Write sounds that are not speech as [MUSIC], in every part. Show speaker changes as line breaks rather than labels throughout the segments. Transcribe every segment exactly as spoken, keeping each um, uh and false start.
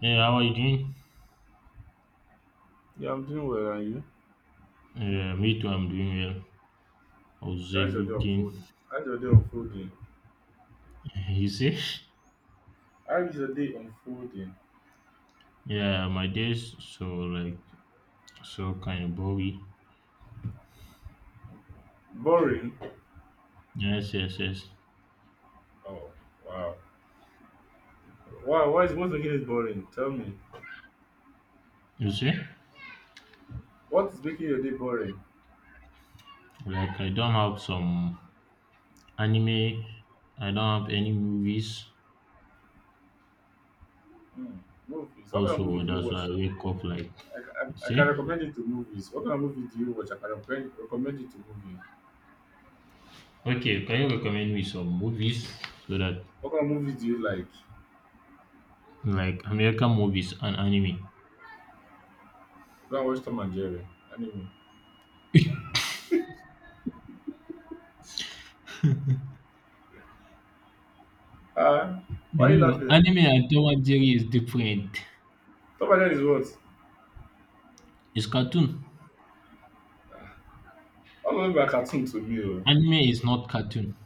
Hey, how are you doing?
Yeah, I'm doing well, and you?
Yeah, me too. I'm doing well. How's
So how's your day
everything?
unfolding? How's your day unfolding?
[LAUGHS] Easy?
How is your day unfolding?
Yeah, my days so like so kind of boring.
Boring?
Yes, yes, yes.
Oh, wow. Why? Why is what's making it boring? Tell me.
You see,
What is making your day boring?
like I don't have some anime. I don't have any movies.
Hmm. Movies. What kind of movie
Also,
do you
that's
watch?
why I wake up like
I,
you
I, I can
see.
recommend it to movies. What kind of movie do you watch? I can recommend, recommend it to movie.
Okay, can you recommend me some movies so that
What kind of movies do you like?
like American movies and anime?
Go and watch Tom and Jerry. Anyway.
[LAUGHS]
Ah, why are
You
you
know,
laughing?
anime and Tom and Jerry is different.
Tom and Jerry is what?
It's cartoon.
All of them are cartoon to me. Oh.
Anime is not cartoon.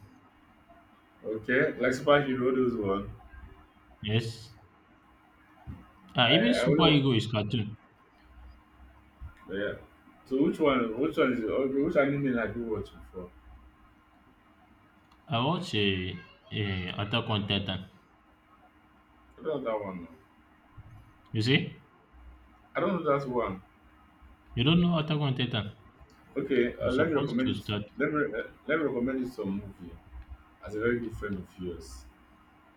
Okay, like superhero those one.
Yes. Uh, even
I I only
Super
wa-
Ego is cartoon.
Yeah. So which one? Which one is it? Okay, which anime are you watching before?
I watch a, a Attack on Titan.
I don't know that one. No.
You see?
I don't know that one.
You don't know Attack on Titan.
Okay, uh,
You're
let me
supposed to
recommend it.
start.
Let me uh, let me recommend you some movie as a very good friend of yours.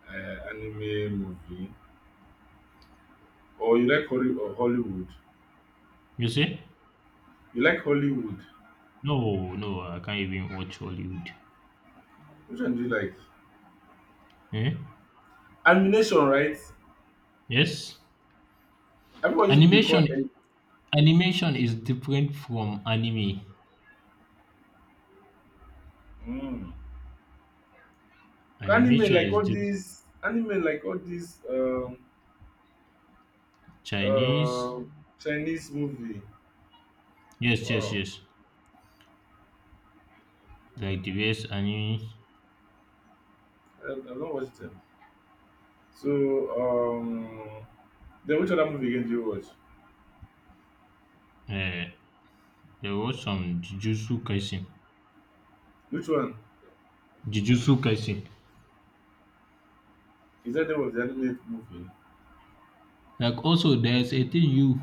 Uh, anime movie, or you like Holly, or Hollywood?
You see?
You like Hollywood?
No, no, I can't even watch Hollywood.
Which one do you like?
Eh?
Animation, right?
Yes?
Everyone just they call
Animation
it.
animation is different from anime.
Mm. Anime
Animation
like
is
all
different.
these anime like all these um
Chinese.
uh, Chinese movie.
Yes, yes,
Wow,
yes. Like the U S anime.
I, I don't watch them. So, um, then which other movie again do you watch?
Uh, there was some Jujutsu Kaisen.
Which one?
Jujutsu Kaisen.
Is that there was the anime movie?
Like also there's a thing you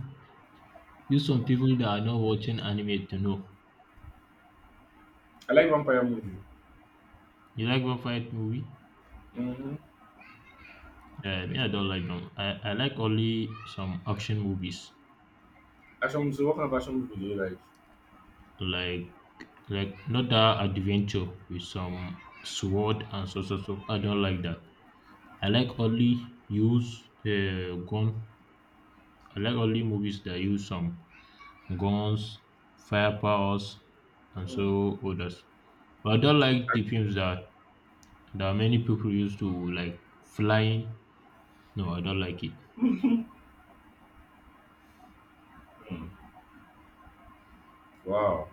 you some people that are not watching anime to know.
I like vampire movie.
You like one fight movie?
Mm-hmm.
Uh, me, I don't like them. I, I like only some action movies.
Action. So, what kind of action movie do you like?
Like like not that adventure with some sword and so so so. I don't like that. I like only use uh, gun. I like only movies that use some guns, firepowers, and
Mm.
so others. But I don't like the films that there are many people used to like flying. No, I don't like it.
Action. Wow.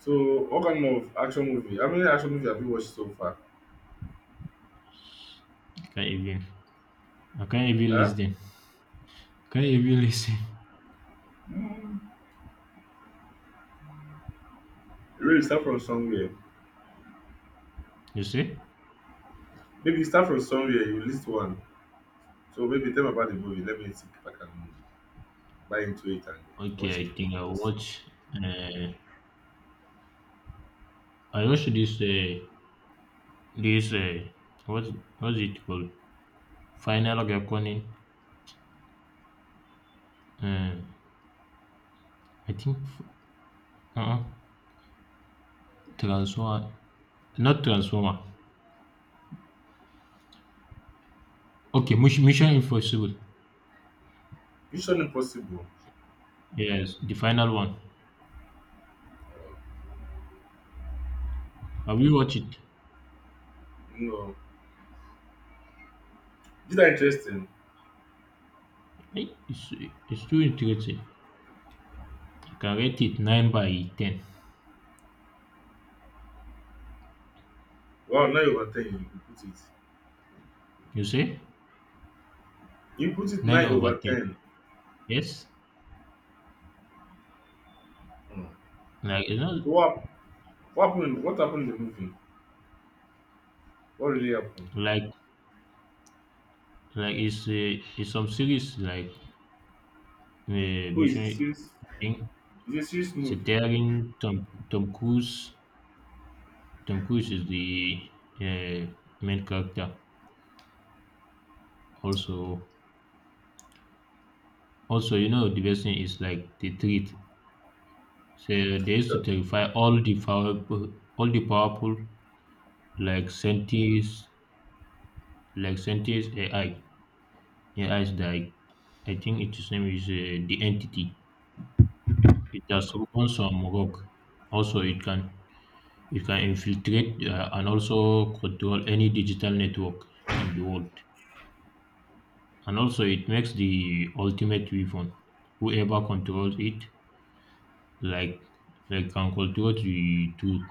So, what kind of action movie? How many action movies have you watched so far?
I can't even. I can't even
Huh?
listen. Can't even [LAUGHS] listen.
Really, start from somewhere.
You see?
Maybe start from somewhere. You list one. So maybe tell me about the movie. Let me see if I can buy into it and
Okay,
watch the
I think I
movie also.
watch. Uh, I watched this. Uh, this. Uh, what's what's it called? Final Gakonin. Uh, I think. Uh, Transformer. Not Transformer. Okay, Mush- Mission Impossible.
Mission Impossible.
Yes, the final one. Have you watched it?
You know, is that interesting?
Eh, It's, it's too interesting. I can rate it nine by ten.
Wow, nine over ten you put it.
You say
You put it
nine
nine
over
over
ten.
ten.
Yes,
Hmm.
like you
So
know,
What, what happened? What happened in the movie? What really happened?
like like it's uh, it's some series like uh,
Oh, it's a
Mission.
serious,
I think
it's a serious
so.
movie.
Tom Tom Cruise. Tom Cruise is the uh, main character. Also, also you know the best thing is like the treat. So they used to terrify all the powerful, all the powerful like scientists, like scientists A I, A Is like I think its name is uh, the entity. It has broken some rock. Also, it can it can infiltrate uh, and also control any digital network in the world. And also, it makes the ultimate weapon. Whoever controls it, like like can control the truth.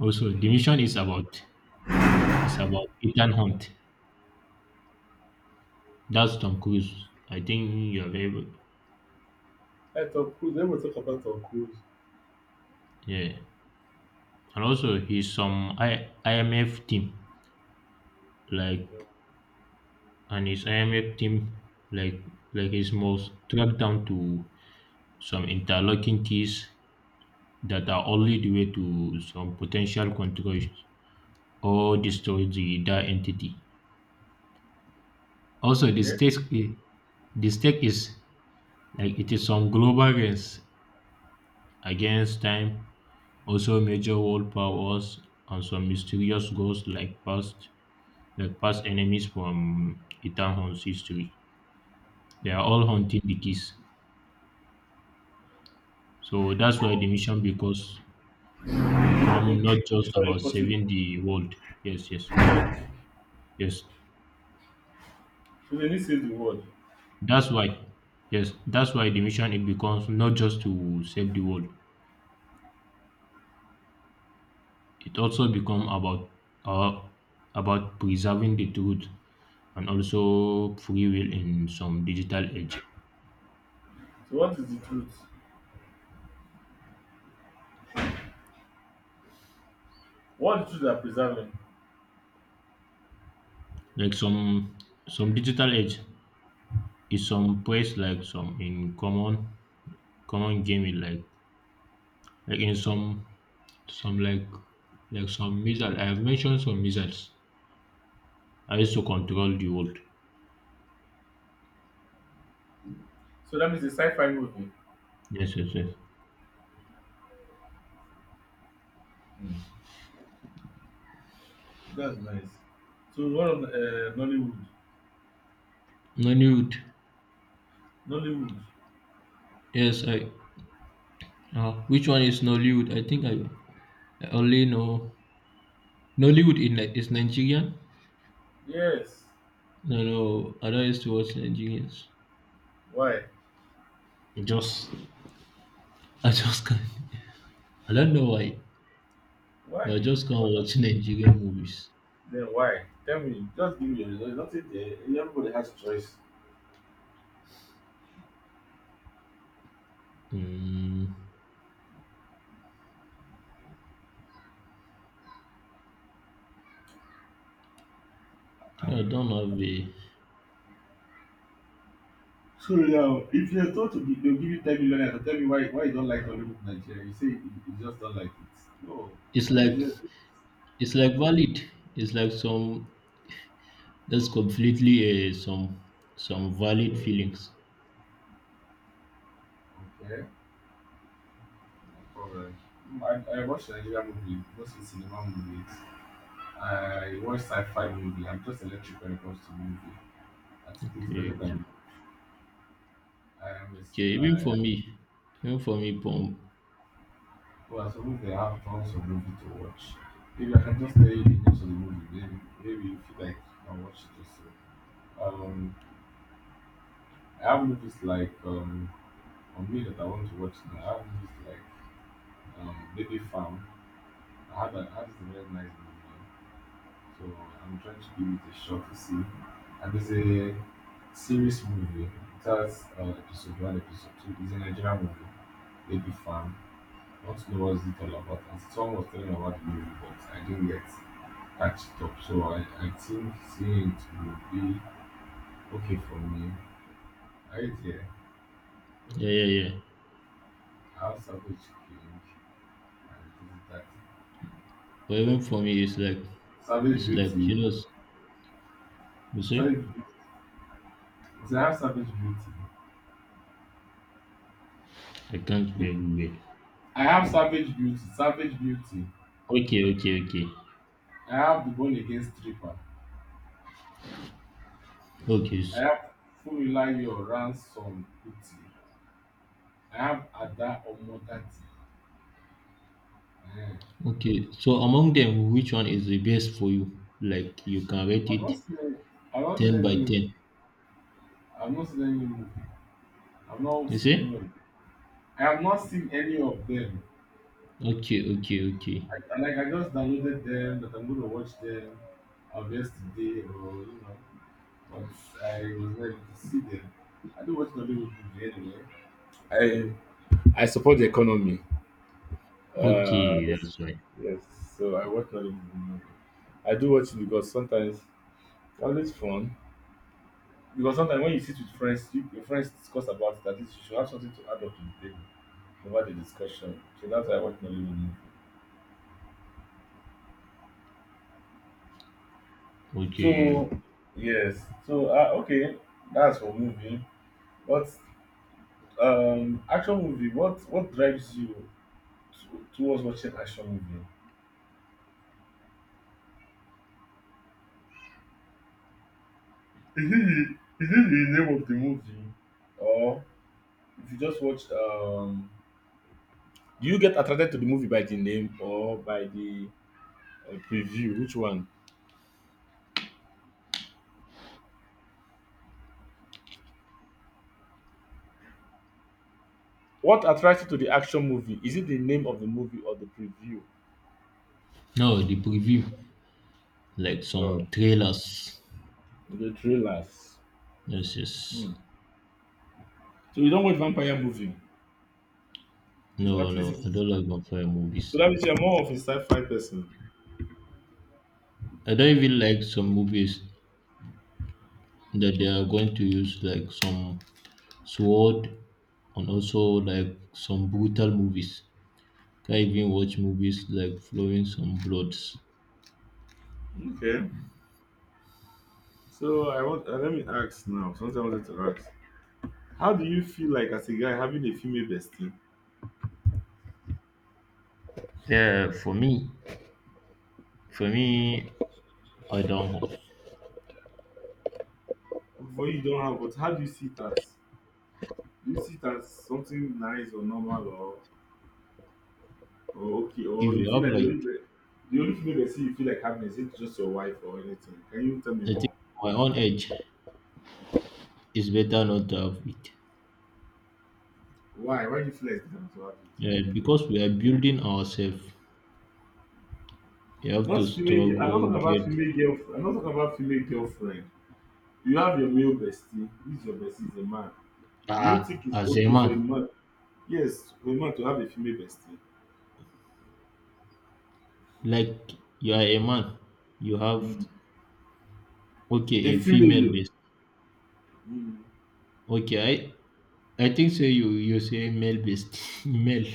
Also, the
Hmm.
mission is about it's about Ethan Hunt. That's Tom Cruise. I think you have ever,
Hey, Tom Cruise, let me talk about Tom Cruise.
yeah. And also, he's some I, IMF team, like and his I M F team, like like his most tracked down to some interlocking keys that are only the way to some potential controls or destroy the that entity. Also, the
Okay?
stake the stake is like it is some global race against time, also major world powers and some mysterious ghosts like past like past enemies from Eternhorn's history. They are all hunting the keys. So that's why the mission becomes become not just
Mission
about saving
Impossible.
the world. Yes, yes, yes.
So they need to save the world.
That's why, yes, that's why the mission it becomes not just to save the world. It also become about uh, about preserving the truth and also free will in some digital age.
So what is the truth? What is the truth that preserve him?
Like some some digital age is some place like some in common common gaming like like in some some like like some missiles. I have mentioned some missiles. I used to control the world.
So that means a sci-fi movie.
Yes, yes, yes.
Hmm. That's nice. So one of the, uh, Nollywood.
Nollywood.
Nollywood.
Yes, I. Uh, which one is Nollywood? I think I, I only know Nollywood in Ni- is Nigerian.
Yes.
No, no, I don't used to watch Nigerians.
Why?
Just I just can't. I don't know why, but I
Why?
just can't watch Nigerian movies.
Then why? Tell me, just give me your result. Nothing there. Everybody has choice.
Mm,
Ah.
yeah, I don't have a.
So now, if you're told to give, they'll give you 10 million, naira, so tell me why why you don't like Hollywood Nigeria. You say you, you just don't like it. No.
It's
I mean,
like
just,
it's like valid. It's like some, that's completely uh, some some valid feelings.
okay, no problem. Mm, I, I watch Nigeria movie, mostly cinema movies. I watch sci-fi movie. I'm just electric when it comes to movie. I think it's better
Okay, okay,
than I am.
okay. Even for me, even for me,
Well, as a movie, I have tons of movie to watch. Maybe I can just tell you the names of the movie. Maybe, maybe if you feel like, you can watch it also. Um, I have movies like um, on me that I want to watch now. I have movies like um, Baby Farm. I had a, I had a very nice movie, so I'm trying to give it a shot to see. And there's a series movie. It has uh, episode one, episode two. It's a Nigerian movie. Baby Farm. I want to know what's it all about. And someone was telling me about the movie, but I didn't get at the top. So I, I think seeing it will be okay for me. Right here,
yeah, yeah, yeah.
I have Savage King and this is that.
But even for me, it's like
Savage
it's like
Beauty.
you know. You
Savage
see,
Beauty. I have Savage Beauty.
I can't
The-
hear you
I have Savage Beauty. Savage Beauty.
well. Okay, okay, okay,
I have the Born Again Stripper.
okay,
I
s-
have Funmilayo Ransom Kuti. I have Ada Omodati. Eh.
okay. So among them, which one is the best for you? Like you can rate
I've not
it
seen any, I've not seen
ten by
any,
ten.
I've not seen any movie. I've not
You
seen
see?
any of I have not seen any of them.
Okay, okay, okay,
I, I like I just downloaded them that I'm gonna watch them of yesterday or you know, but I was not able to see them. I do watch Nollywood movie anyway. I I support the economy. Uh,
okay.
this,
That's right.
yes, so I watch Nollywood movie. I do watch it because sometimes well, it's always fun. Because sometimes when you sit with friends, you, your friends discuss about it. At least you should have something to add up to the table over the discussion. So that's why I watch Nollywood movie.
Okay.
So yes, so uh, okay, that's for movie. But um, action movie, what what drives you to, towards watching action movie? Is it the, is it the name of the movie, or if you just watch? Um, do you get attracted to the movie by the name or by the uh, preview? Which one? What attracts you to the action movie? Is it the name of the movie or the preview?
No, the preview, like
Oh,
some trailers.
the trailers.
Yes, yes.
Hmm. So you don't watch vampire movie? It's,
No,
at least,
no, I
it's,
don't like vampire
So
movies.
that means you're more of a sci-fi person.
I don't even like some movies that they are going to use like some sword and also like some brutal movies. Can even watch movies like flowing some bloods.
Okay. So I want uh, let me ask now. Something I wanted to ask. How do you feel like as a guy having a female bestie?
Yeah, for me, for me, I don't have.
For you you don't have, but how do you see it as? Do you see it as something nice or normal or or okay or
If
you
you
feel
have
like the
like,
only be- the only female bestie you feel like having is it just your wife or anything? Can you tell me
I
more?
think my own age, it's better not to have it.
Why? Why do you feel like it's better to have it?
Yeah, because we are building ourselves. You have to
Not female. girl- I'm not
struggle,
talking about
get
female girlfriend. I'm not talking about female girlfriend. You have your male bestie. Who is your bestie? Is a man. Do you think
ah,
it's
as a
okay for
man.
a man? Yes, for a man to have a female bestie.
Like you are a man, you
Mm.
have, okay,
A
a female
female.
best.
Mm.
Okay, I think say you you say male based [LAUGHS] male.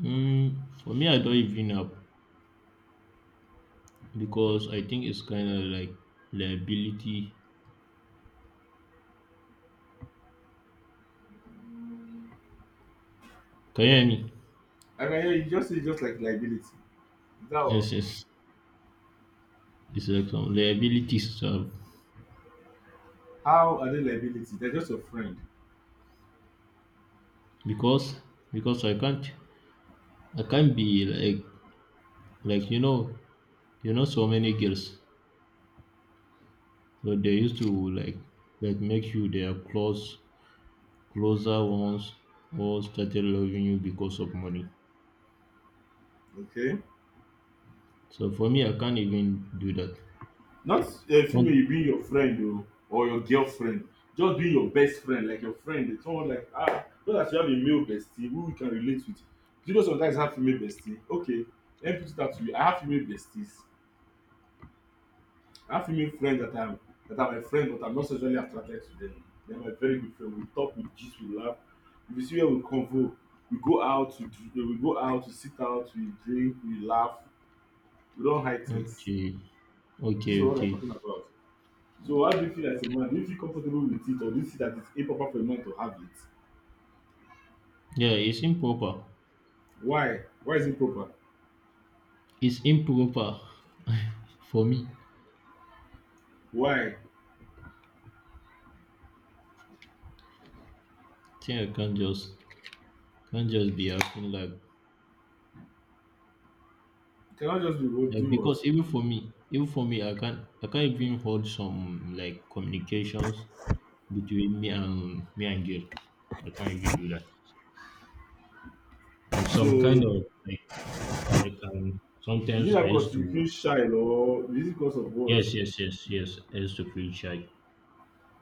Mm, for me, I don't even know because I think it's kind of like liability. Can you hear me?
I can hear you just say just like liability. Is that all?
Yes, yes. It's like some liability stuff
How are they liability? They're just your friend.
because because I can't I can't be like like you know you know so many girls, so they used to like like make you their close closer ones or started loving you because of money.
Okay?
So for me, I can't even do that.
Not a female you
One.
being your friend o, or your girlfriend. Just being your best friend, like your friend. Someone like ah, not that you have a male bestie who you can relate with. Do you know sometimes I have female bestie? Okay, let me put it out to you. I have female besties. I have female friends that I'm that are my friend, but I'm not sexually attracted to them. They're my very good friend. We talk, we gist, we laugh. If you see where we convo, we go out, we, dr- eh, we go out, we sit out, we drink, we laugh. We don't hide things.
Okay.
This
Okay,
is what I'm
okay.
talking about. So how do you feel as a man? Do you feel comfortable with it, or do you see that it's improper for a man to have it?
Yeah, it's improper.
Why? Why is it proper?
It's improper for me.
Why?
Think I can't just can't just be acting like
You cannot just be what
like
do
because
what.
even for me, even for me, I can't I can't even hold some like communications between me and me and girl. I can't even do that. I'm some kind
So
of like like um
is it
sometimes
that
I used
because you
to,
feel shy, or is it because of what?
yes, yes, yes, yes, I used to feel shy.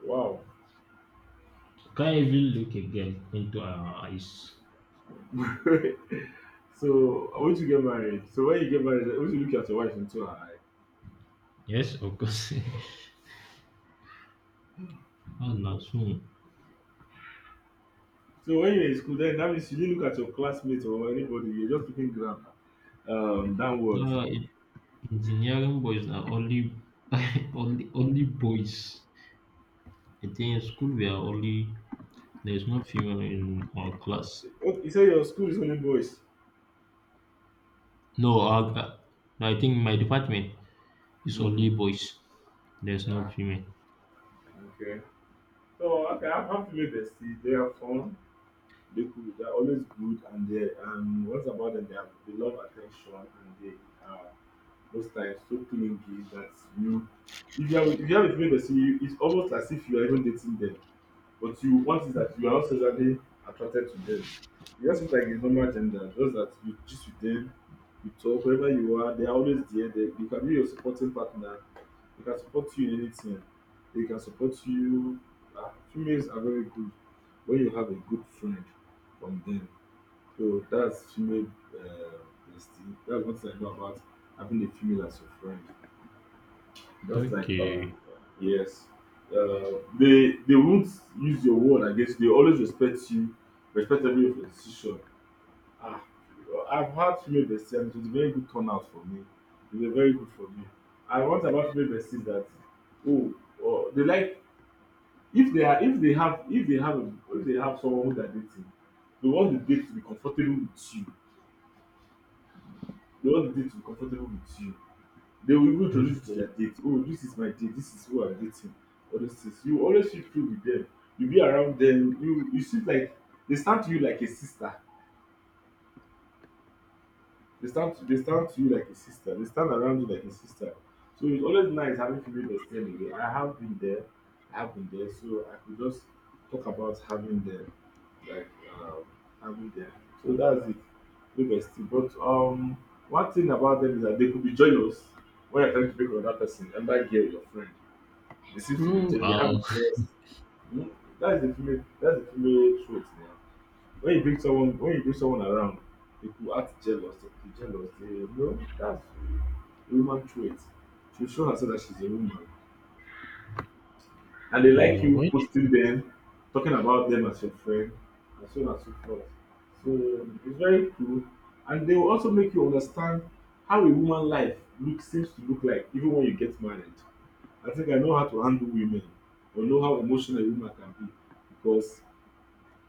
Wow.
Can't even look a girl into her eyes.
[LAUGHS] So I want to get married. So when you get married, I want you to look at your wife into her eye.
Yes, of course. [LAUGHS] Ah, na so.
So when you're in school, then that means you didn't look at your classmates or anybody. You're just looking down, um, downwards.
Ah, e- engineering boys are only [LAUGHS] only only boys. I think in school we are only, there's no female in our class.
Oh, you say your school is only boys.
No, our, uh, no, I think my department is
Mm.
only boys. There's no
Yeah.
female.
Okay. So okay, I'm happy with besties. They are fun. They cool. They're always good, and they um, what's about them? They have they love attention, and they are most times so clingy that you, if you have if you have a female bestie, you, it's almost as if you are even dating them. But you want is that you are not sexually attracted to them. You just look like a normal gender, just that you just with them, you talk, wherever you are, they are always there. They, they can be your supporting partner. They can support you in anything. They can support you. Uh, females are very good when you have a good friend from them. So that's female uh, bestie. That's what I know about having a female as your friend. Just like
Okay,
um, yes, uh, they they won't use your word against you. They always respect you, respect every of your decision. Ah, I've had female besties. And it was a very good turnout for me. It was very good for me. I want about female besties that oh, oh they like if they are if they have if they have a, if they have someone who they are dating, they want the date to be comfortable with you. They want the date to be comfortable with you. They will even introduce you to
okay.
their date. Oh, this is my date. This is who I'm dating. All those things. You always feel free with them. You be around them. You you see like they stand to you like a sister. They stand to, they stand to you like a sister. They stand around you like a sister. So it's always nice having female bestie anyway. I have been there. I have been there. So I could just talk about having them, like um, having them. So that's it. Female bestie. But um, one thing about them is that they could be jealous when you're trying to pick on that person, and that girl, your friend. They seems to be
Oh,
jealous. They have
uh,
jealous. Hmm? That is a female. That's a female trait now. When you bring someone, when you bring someone around, people act jealous. They could be jealous. They no, that's a human trait. She show herself that she's a woman, and
[LAUGHS]
they
okay.
like you
Well,
posting them, talking about them as your friend, and so on and so forth. So it's very cool, and they will also make you understand how a woman life look seems to look like even when you get married. I think I know how to handle women or know how emotional a woman can be because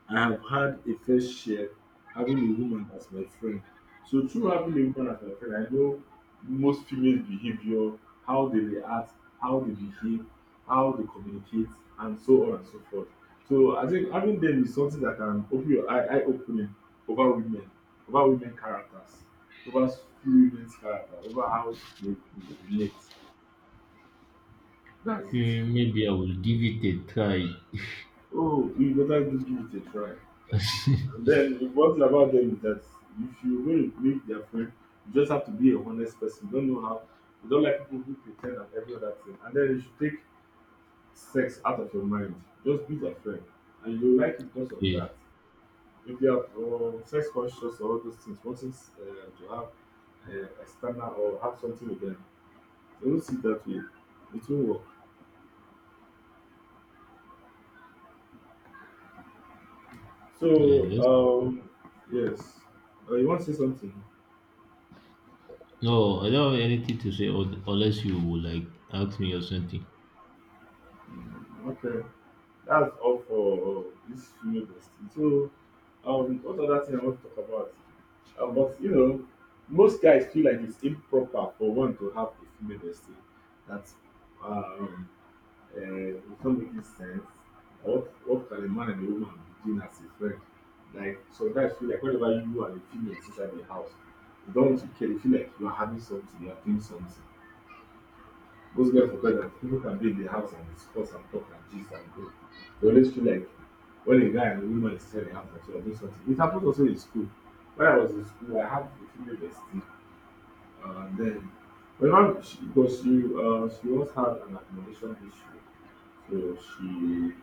I have had a fair share having a woman as my friend. So through having a woman as my friend, I know most females' behavior, how they react, how they behave, how they communicate, and so on and so forth. So I think having them is something that can open your eye, eye opening over women, over women characters, over few women's character, over how they could relate. That's it.
okay, maybe I will give it a try.
Oh, you better do give it a try. And
[LAUGHS]
then the one thing about them is that if you're going to make their friend, you just have to be a honest person. You Don't know how. You don't like people who pretend and every other thing. And then you should take sex out of your mind. Just be their friend, and you like it because of
Okay.
that. If you are uh, sex conscious or all those things, wanting uh, to have uh, a standard or have something with them, don't see it that way. It will work. So,
Yes.
um, yes. Uh, you want to say something?
No, I don't have anything to say un- unless you will like ask me or something.
Okay. That's all for uh, this female bestie. So, um, what other thing I want to talk about? Um, but you know, most guys feel like it's improper for one to have a female bestie. That um, uh, it's not making sense. What what can a man and a woman be doing as a friend? Like some guys feel like whenever you and a female is inside the house, you don't want to care. You feel like you are having something, you are doing something. What's guys forget that people can be in the house and discuss and talk and gist and go. They always feel like when a guy and a woman is selling house and share, doing something. It happens also in school. When I was in school, I had a female bestie. Uh, and then, when I, she, because she, uh, she once had an accommodation issue. So she,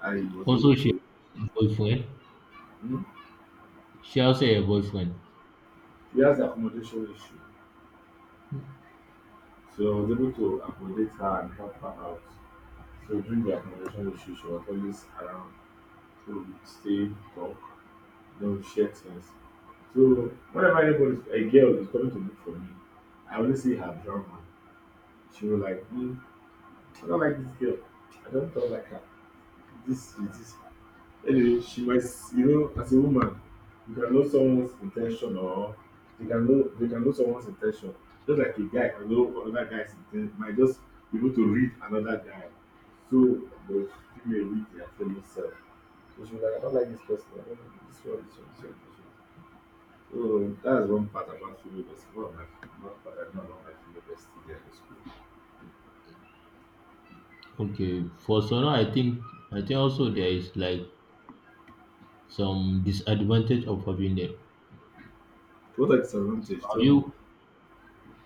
I was able
Also, she
to,
has a boyfriend.
hmm?
She also a boyfriend.
She has the accommodation issue. So I was able to accommodate her and help her out. So during the accommodation issue, she was always around to stay, talk, no shit sense. So whenever anybody, a girl is coming to look for me, I only see her drama. She will like, hmm, I don't like this girl. I don't talk like her. This is this. Anyway, she might, s- you know, as a woman, you can know someone's intention or they can know they can know someone's intention. Just like a guy can know another guy's intention, might just be able to read another guy. So the female read their fellow self. So she was like, I don't like this person. I don't like this one. This one. This one. This one. So that's one part about female bestie. One of my one part I know about my female bestie there in school.
Okay, for Sona, I think I think also there is like some disadvantage of having them.
To what are disadvantage?
So have
Tell me.
you?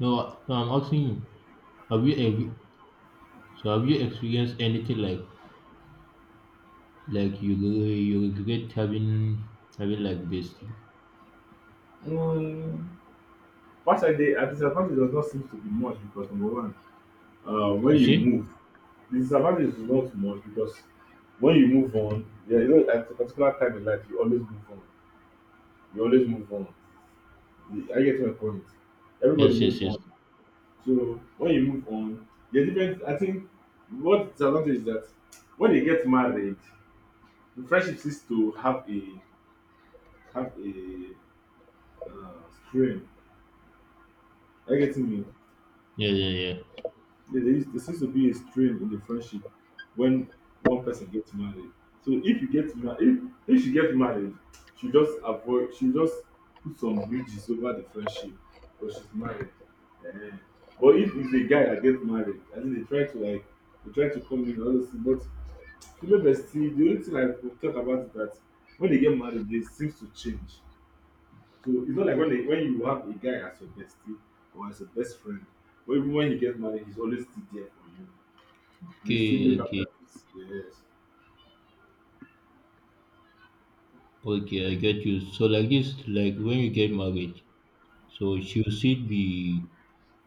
No, no. I'm asking you. Have you ever? So have you experienced anything like like you re- you regret having having like this?
Um, partially, a disadvantage does not seem to be much because number one, uh, when
You
you
see?
move, the disadvantage is not much because when you move on, yeah, you know, at a particular time in life, you always move on. You always move on. You- I get my point. Everybody
Yes, yes,
move
yes.
on. So when you move on, the different. I think what disadvantage is that when they get married the friendship seems to have a have a uh, strain. Are you getting me?
Yeah, yeah, yeah.
There, there, is, there seems to be a strain in the friendship when one person gets married. So if you get married, if, if she gets married, she just avoid, she just put some bridges over the friendship because she's married. Eh. But if it's a guy that gets married, I think they try to like they try to come in and all those things. But female bestie, the only thing I could talk about is that when they get married, they seems to change. So it's not like when, they, when you have a guy as your bestie or as a best friend, or even when he gets married, he's always still there for you. You still
Okay,
make up
okay,
that peace. Yes.
okay. I get you. So like this, like when you get married, so should it be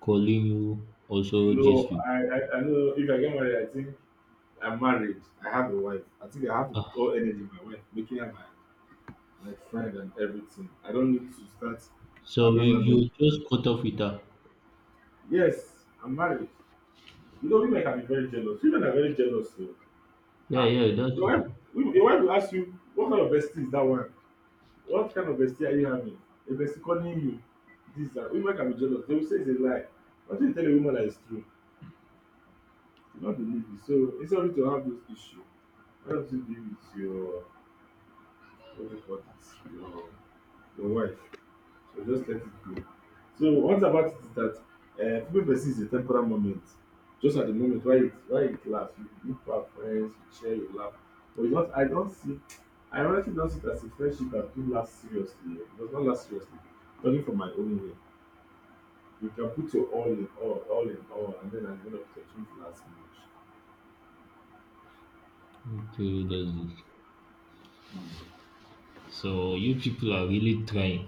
calling you also gist
No,
you.
I, I, I know if I get married, I think I'm married. I have a wife. I think I have to put
Ah,
all energy in my wife, making her my, my friend and everything. I don't need to start
so
having
you, you
random.
just cut off with her.
Yes, I'm married. You know, women can be very jealous. Women are very jealous. So,
Yeah,
ah,
yeah, that's
your wife, your wife will ask you, what kind of bestie is that one? What kind of bestie are you having? A bestie calling you this that women can be jealous. They will say it's a lie. Until you tell a woman that it's true, you not believe it. So it's only to have those issues, why don't you deal with your what do you call it? Your your wife. So just let it go. So what about it is that uh, people perceive it's a temporal moment. Just at the moment why it why it lasts, you you people friends, you share, you laugh. But it's not I don't see I honestly don't see it as a friendship that do last seriously. It does not last seriously. Talking from my own way. You can put your all in all, all in all, and then at the end of the day, it won't last much.
okay. That's it. So you people are really trying.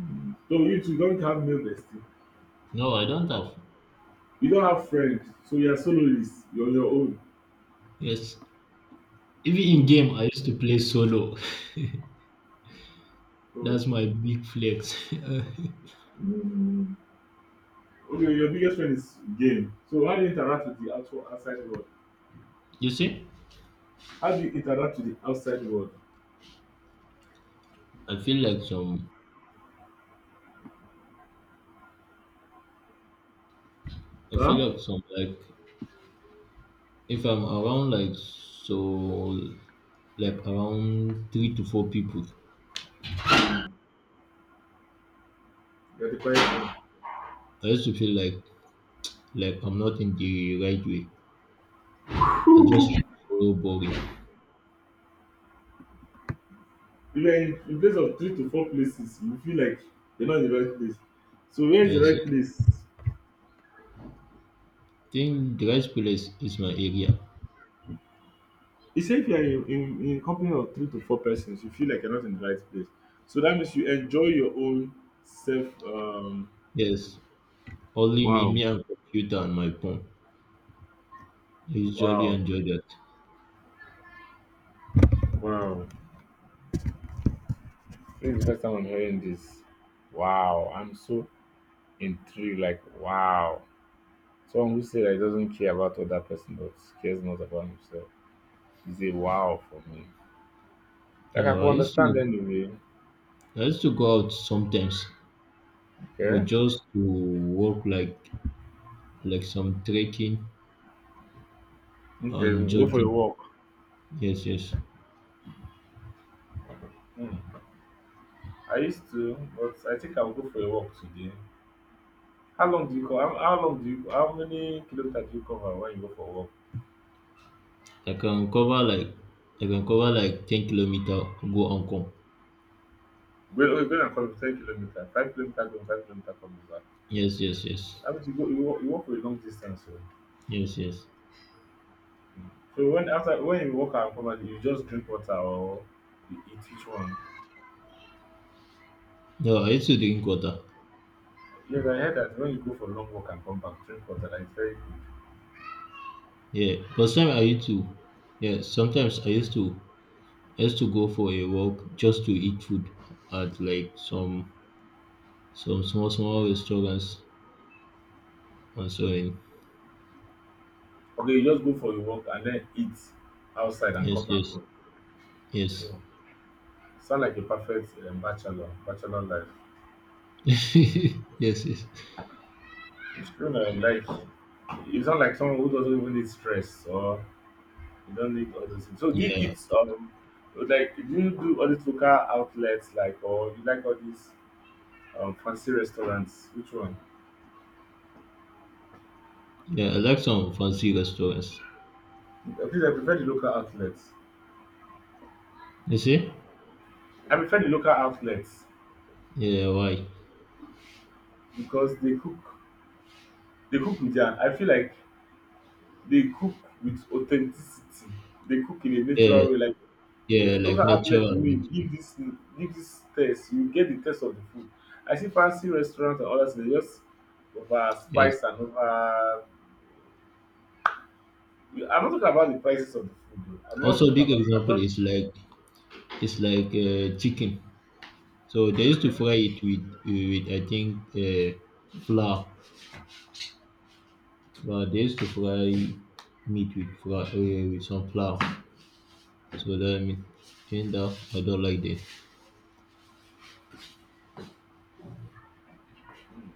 Mm. So you two don't have male bestie.
No, I don't have.
You don't have friends, so you are soloist. You're on your own.
Yes, even in
Mm.
game, I used to play solo. [LAUGHS]
Oh.
That's my big flex.
Mm. Okay, your biggest friend is game. So how do you interact with the actual outside world?
[LAUGHS] You see,
How do you interact with the outside world?
I feel like some. I
Huh?
feel like some, like if I'm around like so like around three to four people,
Mm. You're the quiet one.
I used to feel like like I'm not in the right way. Are just
[LAUGHS]
so boring.
If you're in, in place of three to four places, you feel like you're not in the right place. So where is the
Yes,
right
yes.
place?
I think the right place is my area.
You say if you're in, in, in company of three to four persons, you feel like you're not in the right place. So that means you enjoy your own self. Um,
Yes, only me,
Wow.
me and computer and my phone. I usually
Wow,
enjoy that.
wow. This is the first time I'm hearing this. Wow, I'm so in three, like wow. Someone who said that doesn't care about other person but cares not about himself is a wow for me. Like I
Uh,
can
I used
understand
to
anyway.
I used to go out sometimes, but
Okay.
just to walk like like some trekking and
Okay, go for a
jogging.
walk.
Yes, yes.
Hmm. I used to, but I think I'll go for a walk today. How long do you cover? How, how long do you? How many kilometers do you cover when you go for a walk?
I can cover like I can cover like ten kilometer, go and come.
When we're going to cover ten kilometers, five kilometers going, five kilometers coming back.
Yes, yes, yes,
That means you go, you walk, you walk for a long distance. So,
yes, yes.
so when after when you walk and come back, you just drink water or you eat which one?
No, I used to drink water.
Yes, I heard that when you go for long walk and come back, drink water. That is very good.
Yeah, but sometimes I used to, yeah, sometimes I used to, I used to go for a walk just to eat food at like some some small small restaurants and so on.
Okay, you just go for your walk and then eat outside and
Yes,
come back
yes,
home.
yes,
Oh, sound like a perfect um, bachelor, bachelor life.
[LAUGHS] yes, yes.
It's true that like you sound like someone who doesn't even need stress or you don't need all those things. So do you
Yeah,
eat um like do you do all these local outlets like or you like all these um, fancy restaurants? Which one?
yeah. I like some fancy restaurants.
Please, I prefer the local outlets.
You see?
I prefer the local outlets
Yeah, why?
because they cook they cook with their I feel like they cook with authenticity. They cook in a
Yeah,
natural way. Like yeah,
yeah, like
local outlet to
natural,
me
natural.
give this give this taste. You get the taste of the food. I see fancy restaurants and others they just over
Yes.
spice and over. I'm not talking about the prices of the food. Though. I'm not
Also,
talking
big
about. I'm
example
just
is like it's like uh, chicken. So they used
okay.
to fry it with, with I think, uh, flour. Uh, they used to fry meat with flour, uh, with some flour. So that mean, and that I don't like that.
Mm.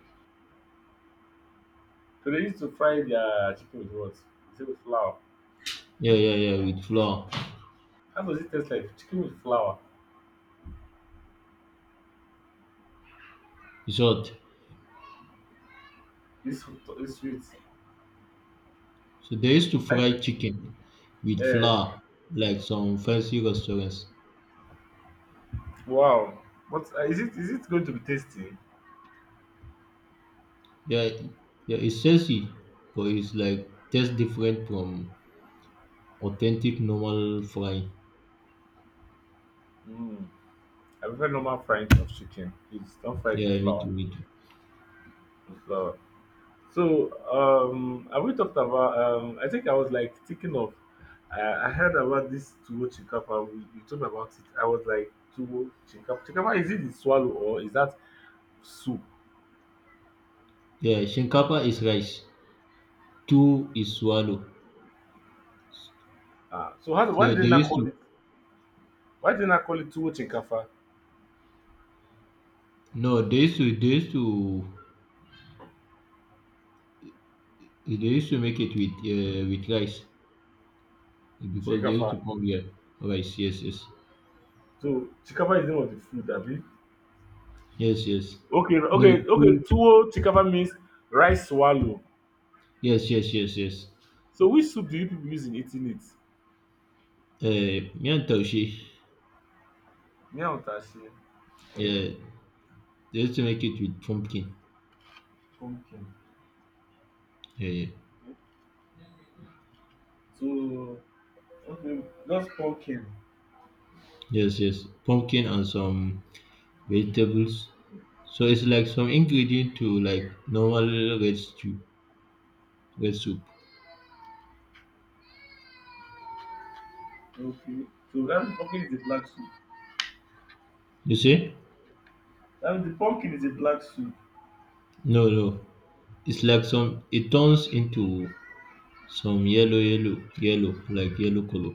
So they used to fry their chicken with what? Is it with flour?
Yeah, yeah, yeah, with flour.
How does it taste like? Chicken with flour.
It's hot.
This this sweet.
So they used to
I,
fry chicken with
eh.
flour, like some fancy restaurants.
Wow! what is it? Is it going to be tasty?
Yeah, yeah, it's tasty, but it's like tastes different from authentic normal frying.
Mm. I prefer normal frying of chicken. Please don't fry it with
Yeah, me
flour.
too, me too.
With flour. So, um, have we talked about? Um, I think I was like thinking of. I I heard about this tuwo chinkapa. We, you told me about it. I was like tuwo chinkapa. Chinkapa, is it the swallow or is that soup?
Yeah, shinkapa is rice. Two is swallow.
Ah, so how, do- why did
Yeah, they
they not
used
call
to.
it? Why did they not call it tuwo chinkapa?
No, they used to. They used to. They used to make it with uh, with rice because they used
Chinkapa.
to come here rice. Yes, yes,
So chinkapa is the name of the food, Abi.
yes, yes.
Okay,
No,
okay, okay.
two.
Tuwo chikapa means rice swallow.
Yes, yes, yes, yes.
So which soup do you people use in eating it?
Uh, yeah, taushe.
Me and Utashi,
Yeah, they used to make it with pumpkin.
pumpkin.
Yeah, yeah.
So okay, just pumpkin.
Yes, yes. Pumpkin and some vegetables. So it's like some ingredient to like normal red stew, red soup.
Okay. So that means pumpkin is a black soup.
You see?
That means the pumpkin is a black soup.
No, no. It's like some. It turns into some yellow, yellow, yellow, like yellow color.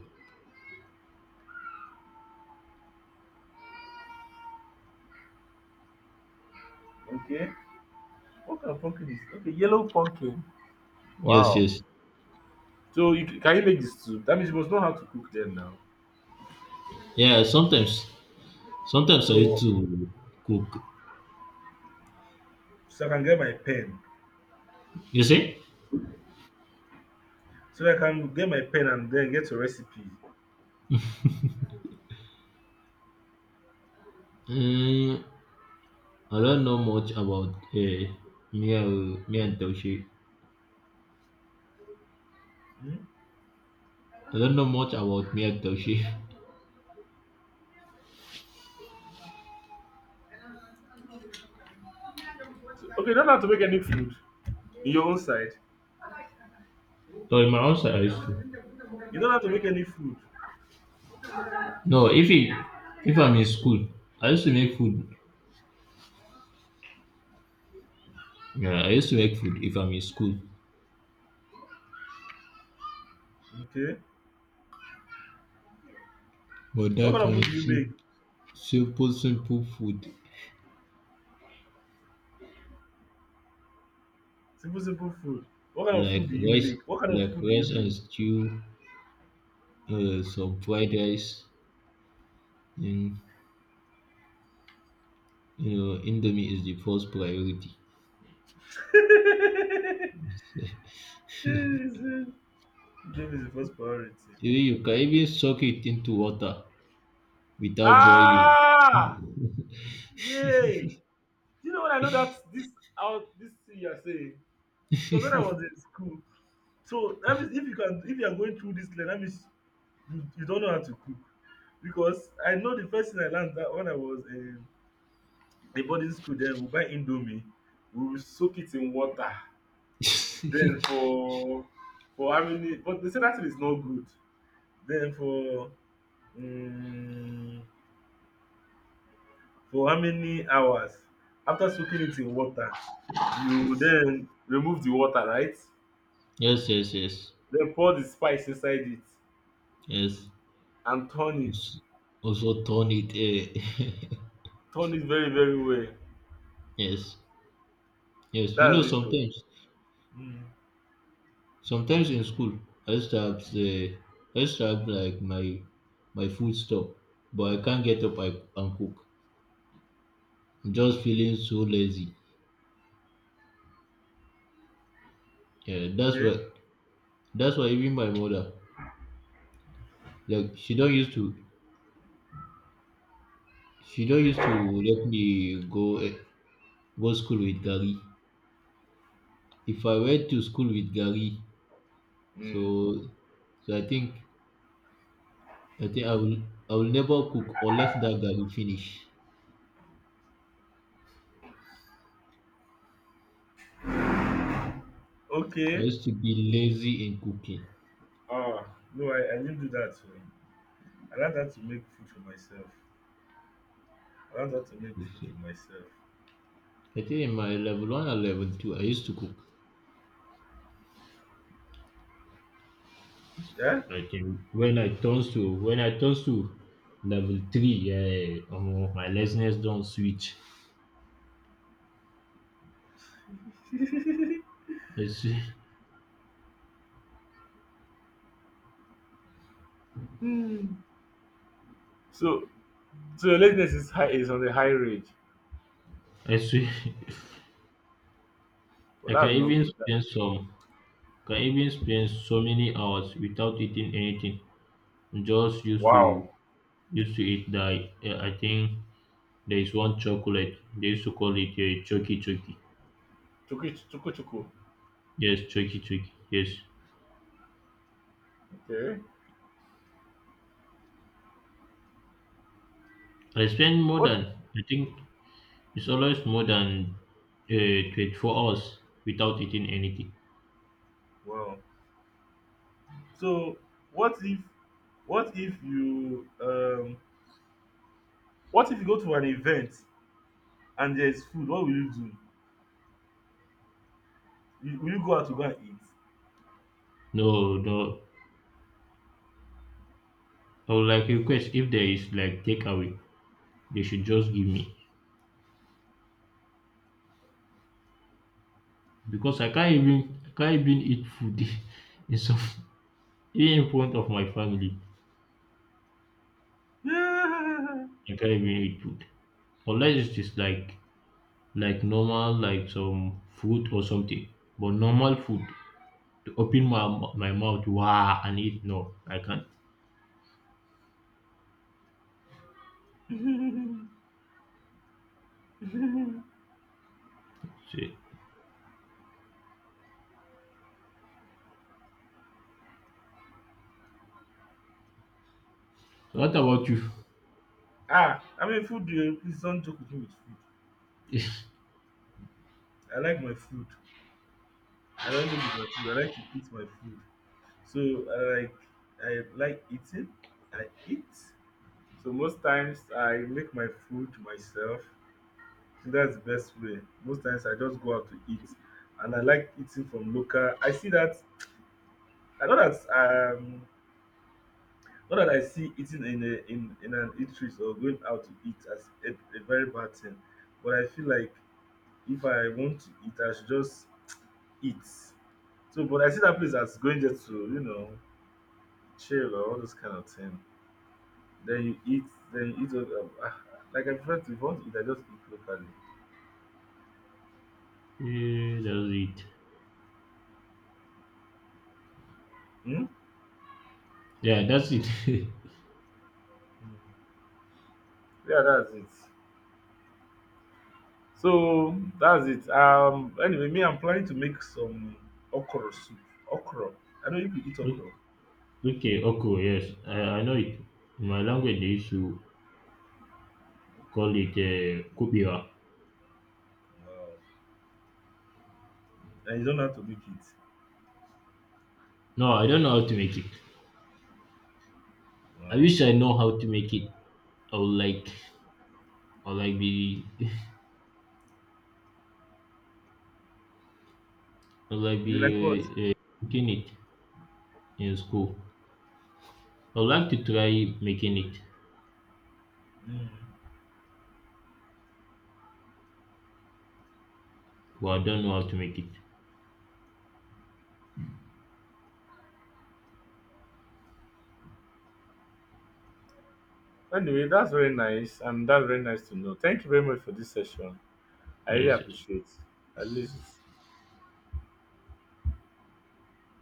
Okay. What kind of pumpkin is? Okay, yellow pumpkin.
Yes,
Wow.
yes.
So you, can you make this soup? That means you must know how to cook then now.
Yeah, sometimes, sometimes I used
So
to cook.
so I can get my pen.
You see?
So I can get my pen and then get a recipe.
Mm, I don't know much about uh, Mia, Mia and Toshi.
Hmm?
I don't know much about Mia and Toshi. [LAUGHS]
So, okay, you don't have to make any food in your own side.
So in my house, I used to.
You don't have to make any food,
No, if it, if I'm in school, I used to make food. Yeah, I used to make food if I'm in school.
okay?
But
So what
that
kind of
kind
food do
of
you make?
sim- simple, simple food
Simple, simple food. What kind of
like
food do you
rice,
make? What kind of
like
food do you
rice and
make?
stew, uh, some fried rice in, you know indomie is the first priority.
[LAUGHS] Job is the first priority.
Even you can even soak it into water without boiling.
Ah! Yay! Do you know when I know that this out this thing you are saying? It was when I was in school. So that means if you can if you are going through this lane, that means you, you don't know how to cook. Because I know the first thing I learned that when I was in a boarding school, then we buy indomie, we will soak it in water.
[LAUGHS]
Then
Yes,
for for how many, but they say that thing is not good. Then for um for how many hours after soaking it in water, you then remove the water, right?
yes, yes,
Then pour the spice inside it
yes.
and turn it.
Als- Also, turn it uh,
Turn it very, very well.
[LAUGHS] yes, yes. you know
That's it. O.
sometimes
Mm.
sometimes in school i start uh, i start like my my food stuff, but I can't get up, I, and cook. I'm just feeling so lazy, yeah. that's why
Okay.
that's why even my mother, like she don't used to she don't used to let me go, eh, go school with Gary. If I went to school with Gary,
Mm.
so so I think I think I will I will never cook unless that Gary finish. I
Okay.
used to be lazy in cooking.
Ah no, I, I didn't do that. So I learned how to make food for myself. I learned how to make
You
food for
see.
myself.
I think in my level one and level two I used to cook.
Yeah.
I think when I turns to when I turns to level three, yeah, um, my laziness don't switch.
[LAUGHS]
I see
Hmm. So, so, your lateness is high, is on the high range.
I see [LAUGHS]
Well,
I can
that's not
even
good. That-
spend some can even spend so many hours without eating anything, just used
wow.
to used to eat the uh, I think there is one chocolate they used to call it a choky choky.
Chuku chuku chuku.
Yes, choky choky. Yes,
Okay.
i spend more than
What?
I think it's always more than uh, twenty-four hours without eating anything.
Wow. So, what if, what if you, um, what if you go to an event and there's food? What will you do? You- Will you go out to go and eat?
No, no, I would like request if there is like takeaway, they should just give me, because i can't even i can't even eat food [LAUGHS] in some, even in front of my family.
[LAUGHS]
You can't even eat food unless it is like like normal, like some fruit or something. But normal food, to open my mou- my mouth, wow, and eat? No, I can't. So so what about you?
Yeah. Ah, I mean, food. Eh, Please don't joke with me with food.
[LAUGHS]
I like my food. I don't joke with my food. I like to eat my food. So I like, I like eating. I eat. So most times I make my food myself. I think that's the best way. Most times I just go out to eat, and I like eating from local. I see that I know that um not that I see eating in a in, in an eatery or going out to eat as a, a very bad thing, but I feel like if I want to eat, I should just eat. So, but I see that place as going just to you know chill or all those kind of thing. Then you eat, then you eat. Uh, uh, like I prefer to, if I want to eat, I just eat locally.
Yeah, that's it.
Hmm?
Yeah, that's it. [LAUGHS]
Yeah, that's it. So that's it. Um. Anyway, me, I'm planning to make some okra soup. Okra. I know if you people eat okra.
O- okay, okay, yes, I, I know it. In my language, they used to call it uh, kubiwa.
Wow. And you don't have to make it.
No, I don't know how to make it. I
Wow.
wish I know how to make it. I would like, I would like be, [LAUGHS] I would like
You like
be
what?
uh, uh, making it in school. I would like to try making it,
Mm.
but I don't know how to make it.
Anyway, that's very nice, and that's very nice to know. Thank you very much for this session. I really
Yes, yes.
appreciate. At least.